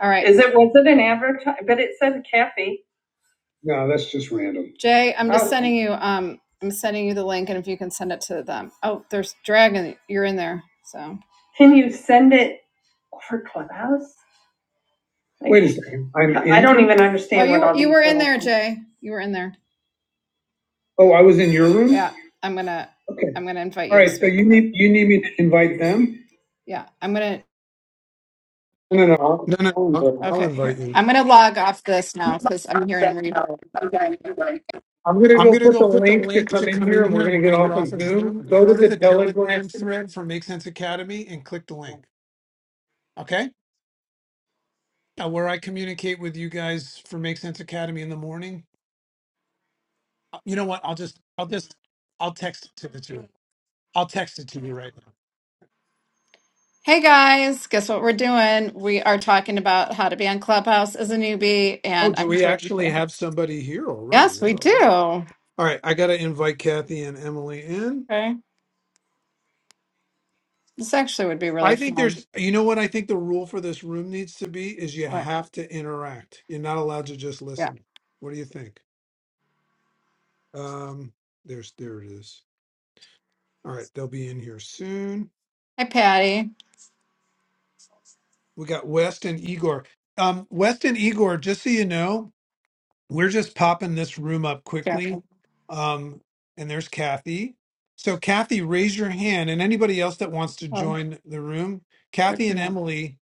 All right. Is it, was it an advertise, but it said Kathy. No, that's just random. Jay, I'm just Oh, sending you um I'm sending you the link and if you can send it to them. Oh, there's Dragon, you're in there. So can you send it for Clubhouse? Like, Wait a second, I'm I I don't even Oh understand what you all you were in there, Jay. You were in there. oh, I was in your room? Yeah. I'm gonna Okay, I'm gonna invite all you to right, so you need, you need me to invite them? Yeah. I'm gonna No, no, no. I'll- No, no, no. I'll I'll, I'll okay, invite here. you. I'm gonna log off this now because I'm hearing reverb. I'm gonna I'm go going to put go the put the link to link come to in come here, in and here we're and gonna we're get going to get off off of of Zoom. Zoom. Go to Go to the the Telegram. Telegram thread for Make Sense Academy and click the link. Okay? Uh, where I communicate with you guys for Make Sense Academy in the morning. Uh, You know what? I'll just, I'll just, I'll text it to the two. I'll text it to you right now. Hey guys, guess what we're doing? We are talking about how to be on Clubhouse as a newbie, Oh, and do I'm we creating. actually for- have somebody here already? Yes, we Wow. look at- do. All right. I got to invite Kathy and Emily in. Okay, this actually would be I really think fun. there's, you know what I think the rule for this room needs to be is you Right, have to interact. You're not allowed to just Yeah. listen. What do you think? Um, there's, there it is. All right, they'll be in here soon. Hi, Patty. We got West and Igor. Um, West and Igor, just so you know, we're just popping this room up Yeah. quickly. Um, and there's Kathy. So Kathy, raise your hand, and anybody else that wants to Oh, join the room, they're Kathy and coming up. Emily,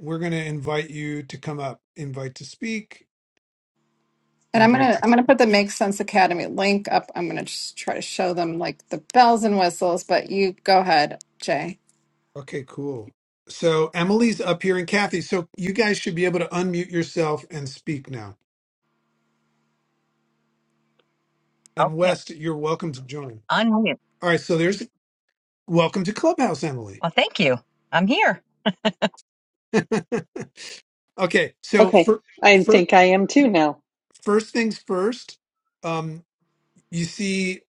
we're going to invite you to come up, invite to speak, and I'm Invite gonna I'm us. gonna put the Make Sense Academy link up. I'm gonna just try to show them like the bells and whistles, but you go ahead, Jay. Okay, cool. So Emily's up here and Kathy. So you guys should be able to unmute yourself and speak now. And Okay. West, you're welcome to join. Unmute. All right, so there's welcome to Clubhouse, Emily. Well, thank you. I'm here. okay, so Okay. for, I for think I am too now. first things first, um, you see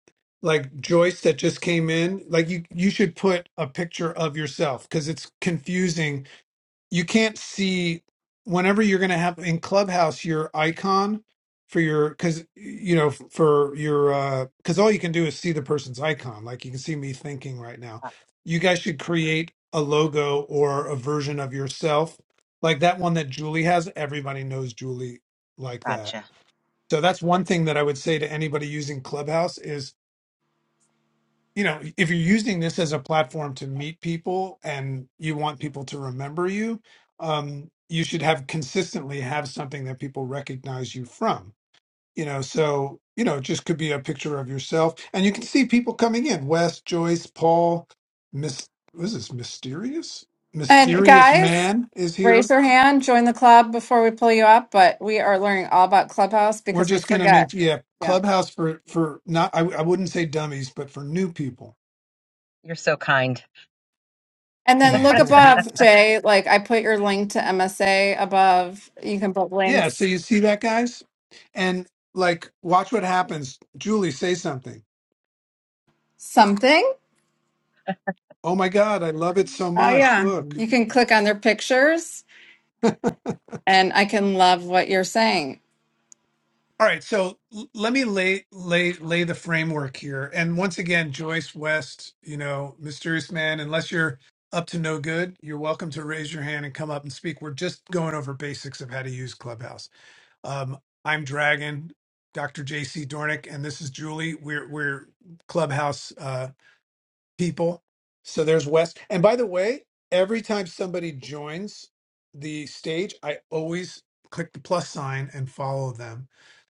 like Joyce that just came in. Like you, you should put a picture of yourself because it's confusing you can't see whenever you're going to have in clubhouse your icon for your because you know for your uh because all you can do is see the person's icon like you can see me thinking right now you guys should create a logo or a version of yourself like that one that julie has everybody knows julie like that Gotcha. so that's one thing that i would say to anybody using clubhouse you know, if you're using this as a platform to meet people and you want people to remember you, um, you should have consistently have something that people recognize you from. You know, so you know, it just could be a picture of yourself, and you can see people coming in: Wes, Joyce, Paul, Miss. What is this mysterious? And Mysterious guys, man is raise here. your hand, join the club before we pull you up. But we are learning all about Clubhouse We're because we just going to forget. make yeah Yeah. clubhouse for for not. I, I wouldn't say dummies, but for new people. You're so kind. And then look above, Jay. Like I put your link to MSA above. You can put Yeah, so links. you see that, guys? And like, watch what happens. Julie, say something. Something. Oh my God, I love it so Oh much. yeah. Look. You can click on their pictures and I can love what you're saying. All right, so l- let me lay lay lay the framework here. And once again, Joyce West, you know, mysterious man. Unless you're up to no good, you're welcome to raise your hand and come up and speak. We're just going over basics of how to use Clubhouse. Um, I'm Dragon, Dr. J.C. Dornick, and this is Julie. We're we're Clubhouse. Uh, people. So there's Wes. And by the way, every time somebody joins the stage, I always click the plus sign and follow them.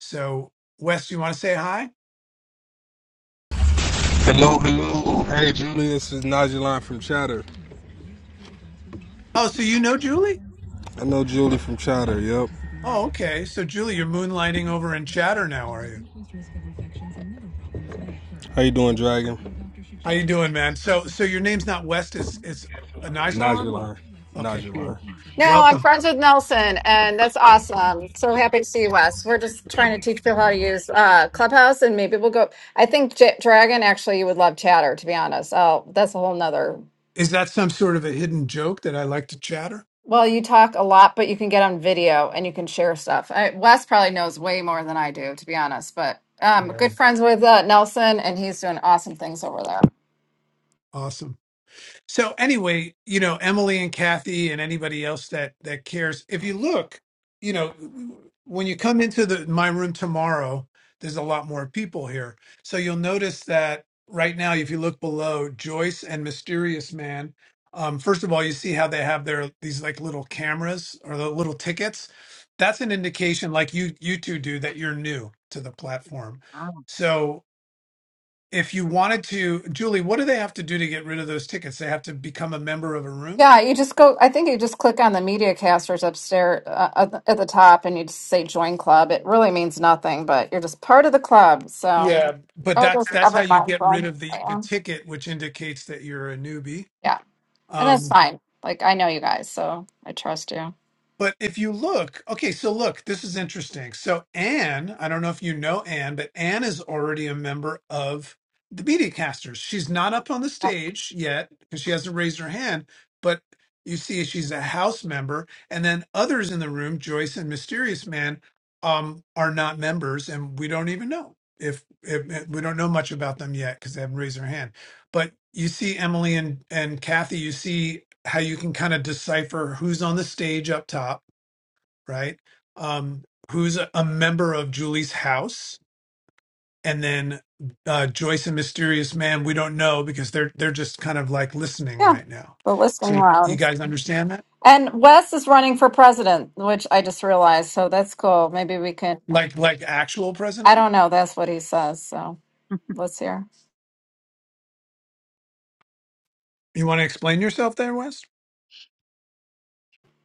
So Wes, you want to say hi? Hello, hello. Hey, Julie, this is Najuline from Chatter. Oh, so you know Julie? I know Julie from Chatter, yep. Oh, okay. So Julie, you're moonlighting over in Chatter now, are you? How you doing, Dragon? How you doing, man? So so your name's not West, it's it's Anisalon? Najuline. Okay, Najuline. cool. No, I'm Welcome. friends with Nelson, and that's awesome. So happy to see you, Wes. We're just trying to teach people how to use uh, Clubhouse, and maybe we'll go. I think J- Dragon actually, you would love Chatter, to be honest. Oh, that's a whole nother. Is that some sort of a hidden joke that I like to chatter? Well, you talk a lot, but you can get on video and you can share stuff. I, Wes probably knows way more than I do, to be honest. But um, Yeah. good friends with uh, Nelson, and he's doing awesome things over there. Awesome. So anyway, you know, Emily and Kathy and anybody else that that cares, if you look, you know, when you come into the my room tomorrow, there's a lot more people here. So you'll notice that right now, if you look below Joyce and Mysterious Man, um, first of all, you see how they have their these like little cameras or the little tickets. That's an indication, like you you two do, that you're new to the platform. Oh. So if you wanted to, Julie, what do they have to do to get rid of those tickets? They have to become a member of a room. Yeah, you just go. I think you just click on the media casters upstairs uh, at the at the top, and you just say "Join Club." It really means nothing, but you're just part of the club. So, Yeah, But oh, that's those that's how ever you get rid mindful. of the the Yeah, ticket, which indicates that you're a newbie. yeah, and that's Um, fine. Like I know you guys, so I trust you. But if you look, okay, so look, this is interesting. So Anne, I don't know if you know Anne, but Anne is already a member of the Media Casters. She's not up on the stage yet because she hasn't raised her hand, but you see she's a house member. And then others in the room, Joyce and Mysterious Man, um, are not members, and we don't even know if, if eh, we don't know much about them yet because they haven't raised their hand but you see Emily and and Kathy, you see how you can kind of decipher who's on the stage up top, right? Um, who's a, a member of Julie's house, and then uh, Joyce and Mysterious Man. We don't know because they're they're just kind of like listening Yeah, right now. the listening So you, you round. guys understand that? And Wes is running for president, which I just realized. So that's cool. Maybe we can. Like like actual I president? don't know. That's what he says. So let's hear. You want to explain yourself there, Wes?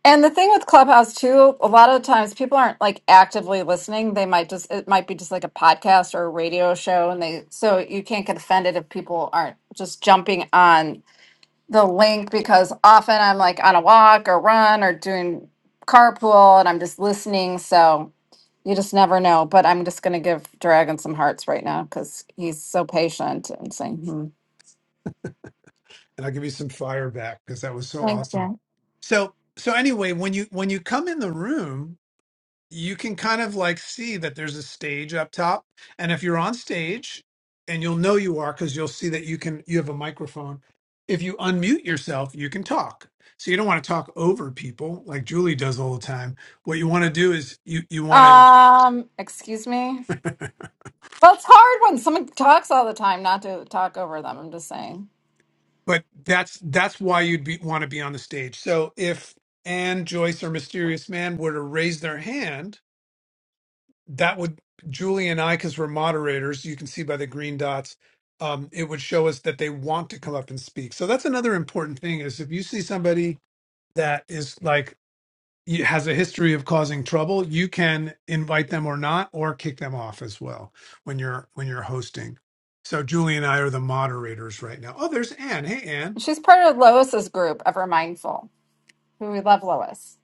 And the thing with Clubhouse too, a lot of the times people aren't like actively listening. They might just it might be just like a podcast or a radio show and they so you can't get offended if people aren't just jumping on the link because often I'm like on a walk or run or doing carpool and I'm just listening, so you just never know. But I'm just gonna give Dragon some hearts right now because he's so patient and saying, hmm. and I'll give you some fire back because that was so Thank awesome. you. So so anyway, when you when you come in the room you can kind of like see that there's a stage up top and if you're on stage and you'll know you are because you'll see that you can you have a microphone if you unmute yourself you can talk so you don't want to talk over people like julie does all the time what you want to do is you you want to Um, excuse me. Well, it's hard when someone talks all the time not to talk over them. I'm just saying. but that's that's why you'd be, want to be on the stage so if Anne joyce or mysterious man were to raise their hand that would Julie and I, because we're moderators, you can see by the green dots, um, it would show us that they want to come up and speak. So that's another important thing is if you see somebody that is like you- has a history of causing trouble, you can invite them or not, or kick them off as well when you're when you're hosting. So Julie and I are the moderators right now. Oh, there's Anne. Hey Anne. She's part of Lois's group, Ever Mindful, who we love Lois.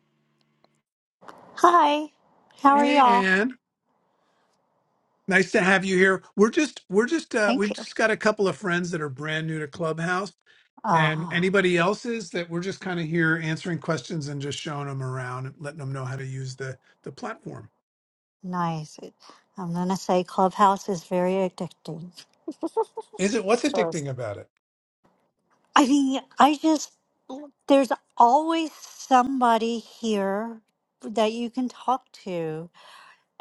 Hi, how are Hey y'all? Anne. nice to have you here we're just we're just uh Thank we've you. just got a couple of friends that are brand new to clubhouse and Ah, anybody else's that we're just kind of here answering questions and just showing them around and letting them know how to use the the platform nice. I'm gonna say Clubhouse is very addicting. is it what's Pictures. addicting about it I mean, I just, there's always somebody here that you can talk to,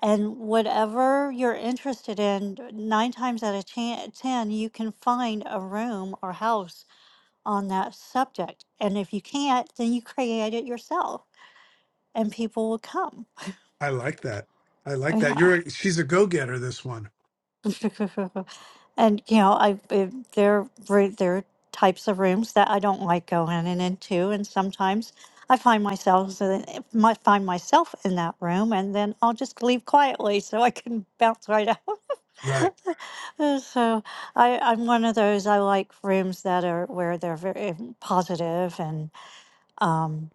and whatever you're interested in, nine times out of chan- 10, you can find a room or house on that subject. And if you can't, then you create it yourself, and people will come. i like that i like that Yeah. you're a, she's a go-getter this one and you know i it, there are there are types of rooms that i don't like going in into and sometimes i find myself in- my find myself in that room and then i'll just leave quietly so i can bounce right out right Uh, so i i'm one of those i like rooms that are where they're very eh, positive and um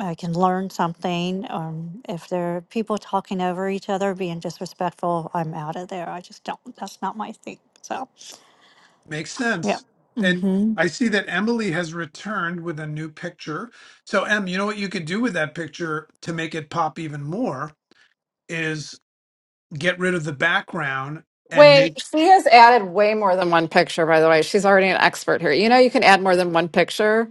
I can learn something. Um, if there are people talking over each other, being disrespectful, I'm out of there. I just don't. That's not my thing. So. Makes Yeah. sense. And hmm I see that Emily has returned with a new picture. So, Em, you know what you could do with that picture to make it pop even more is get rid of the background and Wait, make she has added way more than one picture, by the way. She's already an expert here. You know, you can add more than one picture.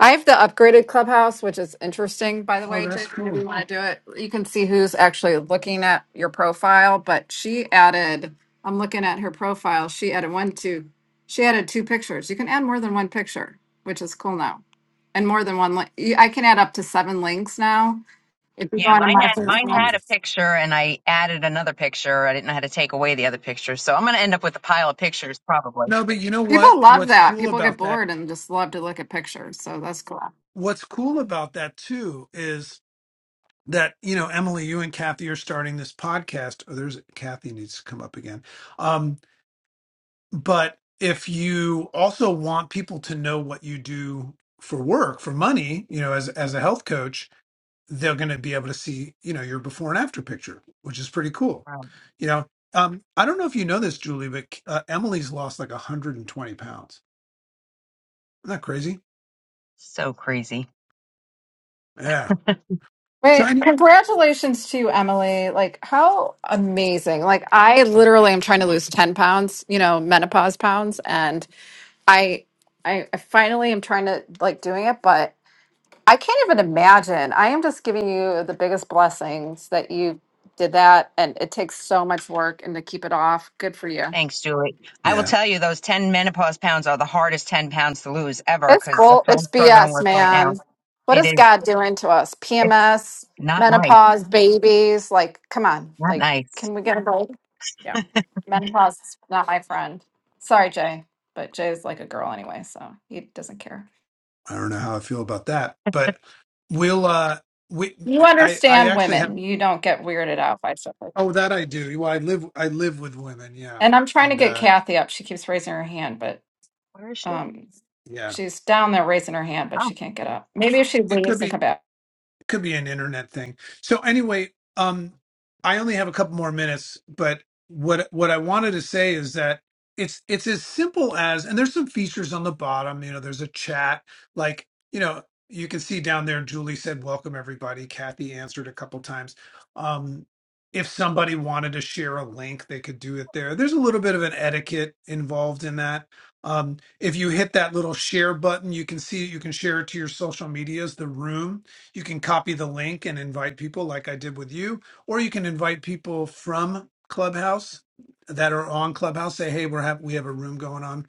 I have the upgraded clubhouse, which is interesting, by the way, Jake. Maybe you want to do it. You can see who's actually looking at your profile, but she added, I'm looking at her profile. She added one, two, she added two pictures. You can add more than one picture, which is cool now. And more than one link. I can add up to seven links now. If you go Yeah, onto mine my had very mine profile, had a cool. picture, and I added another picture. I didn't know how to take away the other picture, so I'm going to end up with a pile of pictures probably. No, but you know what? people love What's that. cool People get about that? bored and just love to look at pictures. So that's cool. What's cool about that too is that, you know, Emily, you and Kathy are starting this podcast. Oh, there's Kathy needs to come up again. Um, But if you also want people to know what you do for work, for money, you know, as as a health coach, they're going to be able to see, you know, your before and after picture, which is pretty cool. Wow. You know, um, I don't know if you know this, Julie, but uh, Emily's lost like 120 pounds. Isn't that crazy? So crazy. Yeah, Wait, shiny. congratulations to you, Emily. Like, how amazing. Like, I literally am trying to lose 10 pounds, you know, menopause pounds. And I, I, I finally am trying to like doing it, but I can't even imagine. I am just giving you the biggest blessings that you did that. And it takes so much work and to keep it off. Good for you. Thanks, Julie. I will Yeah, tell you, those ten menopause pounds are the hardest ten pounds to lose ever, It's because that's bull. what It's I'm struggling BS, with right man. now. What It is is. God doing to us? It's PMS, not nice. menopause, babies. Like, come on. Not Like, nice. can we get a break? Yeah. Menopause is not my friend. Sorry, Jay. But Jay's like a girl anyway, so he doesn't care. I don't know how I feel about that, but we'll uh we You I I understand actually have women. You don't get weirded out by stuff like that. oh that I do. Well, I live I live with women, yeah. And I'm trying to And get uh Kathy up. She keeps raising her hand, but Where is she? Um, yeah, she's down there raising her hand, but Oh, she can't get up. Maybe if she it could leaves and be come back. could be an internet thing. So anyway, um, I only have a couple more minutes, but what what I wanted to say is that it's it's as simple as, and there's some features on the bottom. You know, there's a chat, like you know, you can see down there. Julie said, "Welcome everybody." Kathy answered a couple times. Um, if somebody wanted to share a link, they could do it there. There's a little bit of an etiquette involved in that. Um, if you hit that little share button, you can see you can share it to your social medias, the room you can copy the link and invite people like I did with you, or you can invite people from Clubhouse that are on Clubhouse. Say, hey, we're have we have a room going on.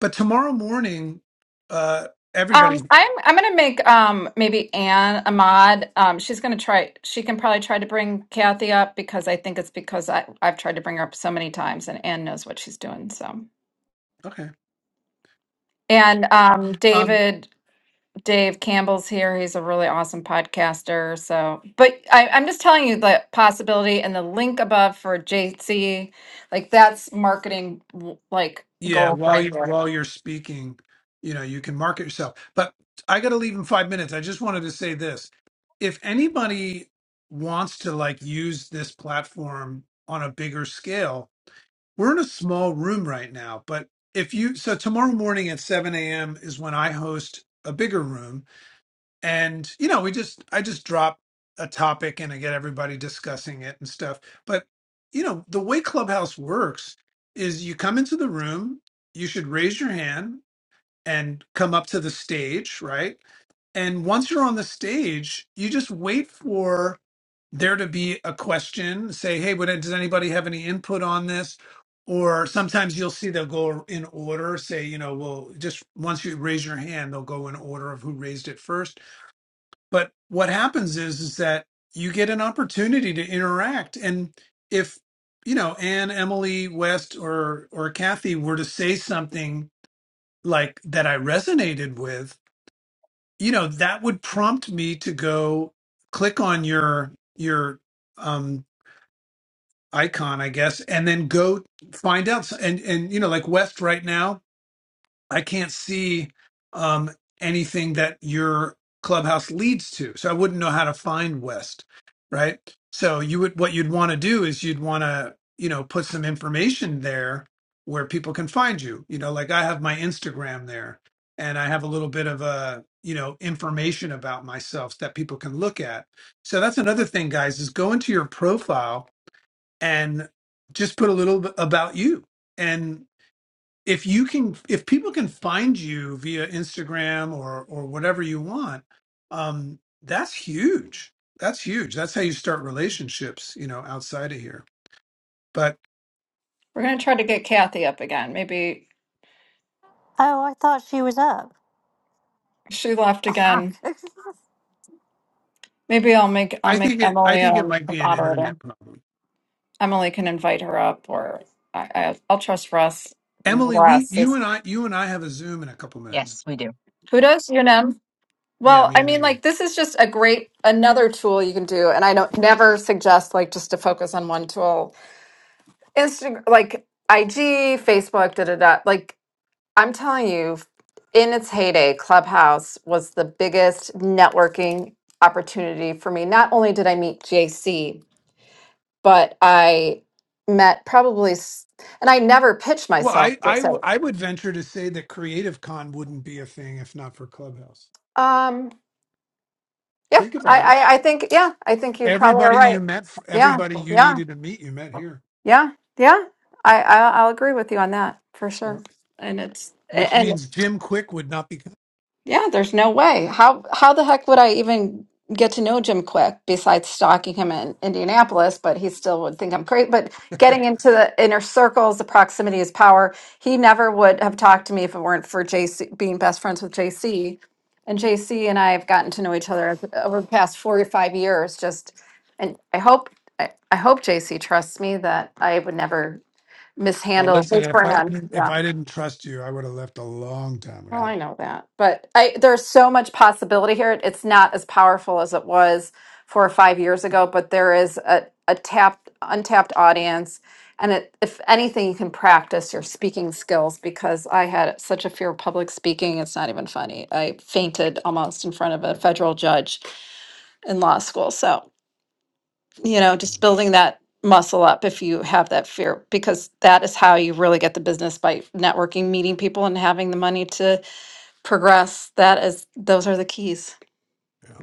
But tomorrow morning, uh, Um, everybody, I'm I'm gonna make um maybe Anne a mod. Um, she's gonna try. She can probably try to bring Kathy up because I think it's because I I've tried to bring her up so many times, and Anne knows what she's doing. So okay, and um um, David Dave Campbell's here. He's a really awesome podcaster. So, but I, I'm just telling you the possibility and the link above for JC, like that's marketing like yeah, goal while right you there. while you're speaking, you know, you can market yourself. But I got to leave in five minutes. I just wanted to say this: if anybody wants to like use this platform on a bigger scale We're in a small room right now, but if you so tomorrow morning at 7 a.m. is when I host a bigger room. And, you know, we just I just drop a topic and I get everybody discussing it and stuff. But, you know, the way Clubhouse works is you come into the room, you should raise your hand and come up to the stage, right? And once you're on the stage, you just wait for there to be a question say hey would, does anybody have any input on this or sometimes you'll see they'll go in order say you know well just once you raise your hand they'll go in order of who raised it first but what happens is is that you get an opportunity to interact and if you know anne emily west or or kathy were to say something like that i resonated with you know that would prompt me to go click on your your um, icon, I guess, and then go find out. s- And and you know, like West right now, I can't see um, anything that your clubhouse leads to, so I wouldn't know how to find West, right? So you would what you'd want to do is you'd want to you know put some information there where people can find you. You know, like I have my Instagram there, and I have a little bit of a you know information about myself that people can look at. So that's another thing, guys, is go into your profile and just put a little bit about you. And if you can, if people can find you via Instagram or or whatever you want, um, that's huge. That's huge. That's how you start relationships, you know, outside of here. But We're gonna try to get Kathy up again. Maybe Oh, I thought she was up. she left Oh, ah, again. okay. Maybe I'll make I'll I make think it. I Emily think it um, might a be an moderator. internet problem. Emily can invite her up, or I, I I'll trust Russ. Emily, we, Russ, you is- and I, you and I have a Zoom in a couple minutes. yes, we do. who does you know? Yeah, Well, me I and mean, Emily. like this is just a great another tool you can do, and I don't never suggest like just to focus on one tool. Instagram, like IG, Facebook, da da da. Like I'm telling you, in its heyday, Clubhouse was the biggest networking opportunity for me. Not only did I meet JC, but I met probably, s- and I never pitched Well, myself. I, I, w- So, I would venture to say that Creative Con wouldn't be a thing if not for Clubhouse. um, yeah, Think I, about it. I, I think, yeah, I think you probably are Everybody you right. met, Yeah, everybody you yeah. needed to meet, you met here. Yeah, yeah, I, I I'll agree with you on that for sure. Yeah. And it's Which and means Jim Quick would not be. yeah, there's no way. How how the heck would I even get to know Jim Quick besides stalking him in Indianapolis? But he still would think I'm crazy. But getting into the inner circles, the proximity is power. He never would have talked to me if it weren't for JC being best friends with JC. And JC and I have gotten to know each other over the past four to five years. Just and I hope I, I hope JC trusts me that I would never Oh, mishandle listen, his if I brand. didn't, if Yeah. I didn't trust you, I would have left a long time Well, I ago. know that, but I there's so much possibility here. It's not as powerful as it was four or five years ago, but there is a, a tapped, untapped audience. And it, if anything, you can practice your speaking skills because I had such a fear of public speaking. It's not even funny. I fainted almost in front of a federal judge in law school. So, you know, just That's- building that muscle up if you have that fear, because that is how you really get the business by networking, meeting people, and having the money to progress. That is, those are the keys. Yeah.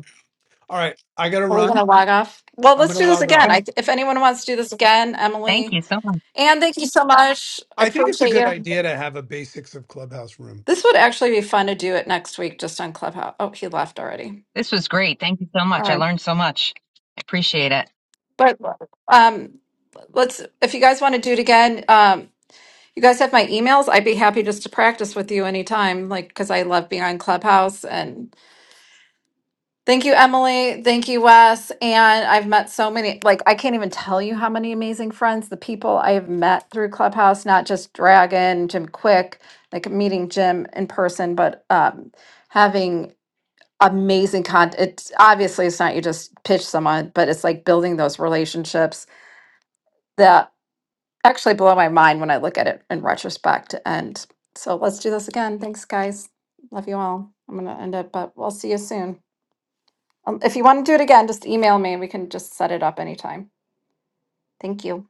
All right, I gotta Are we gonna run. log off? Well, I'm let's gonna do this log off. again. Thank, I, if anyone wants to do this again, thank Emily, you so much. Anne, thank you so much. I I think it's a appreciate good you. idea to have a basics of Clubhouse room. This would actually be fun to do it next week, just on Clubhouse. Oh, he left already. This was great. Thank you so All much. I right, learned so much. I appreciate it. but um, let's. If you guys want to do it again, um, You guys have my emails? I'd be happy just to practice with you anytime, like, because I love being on Clubhouse. And thank you, Emily. Thank you, Wes. And I've met so many, like, I can't even tell you how many amazing friends, the people I have met through Clubhouse, not just Dragon, Jim Quick, like meeting Jim in person, but um, having amazing content. It's obviously it's not you just pitch someone, but it's like building those relationships actually blow my mind when I look at it in retrospect. And so let's do this again. Thanks, guys. Love you all. I'm going to end it, but we'll see you soon. Um, if you want to do it again, just email me and we can just set it up anytime. Thank you.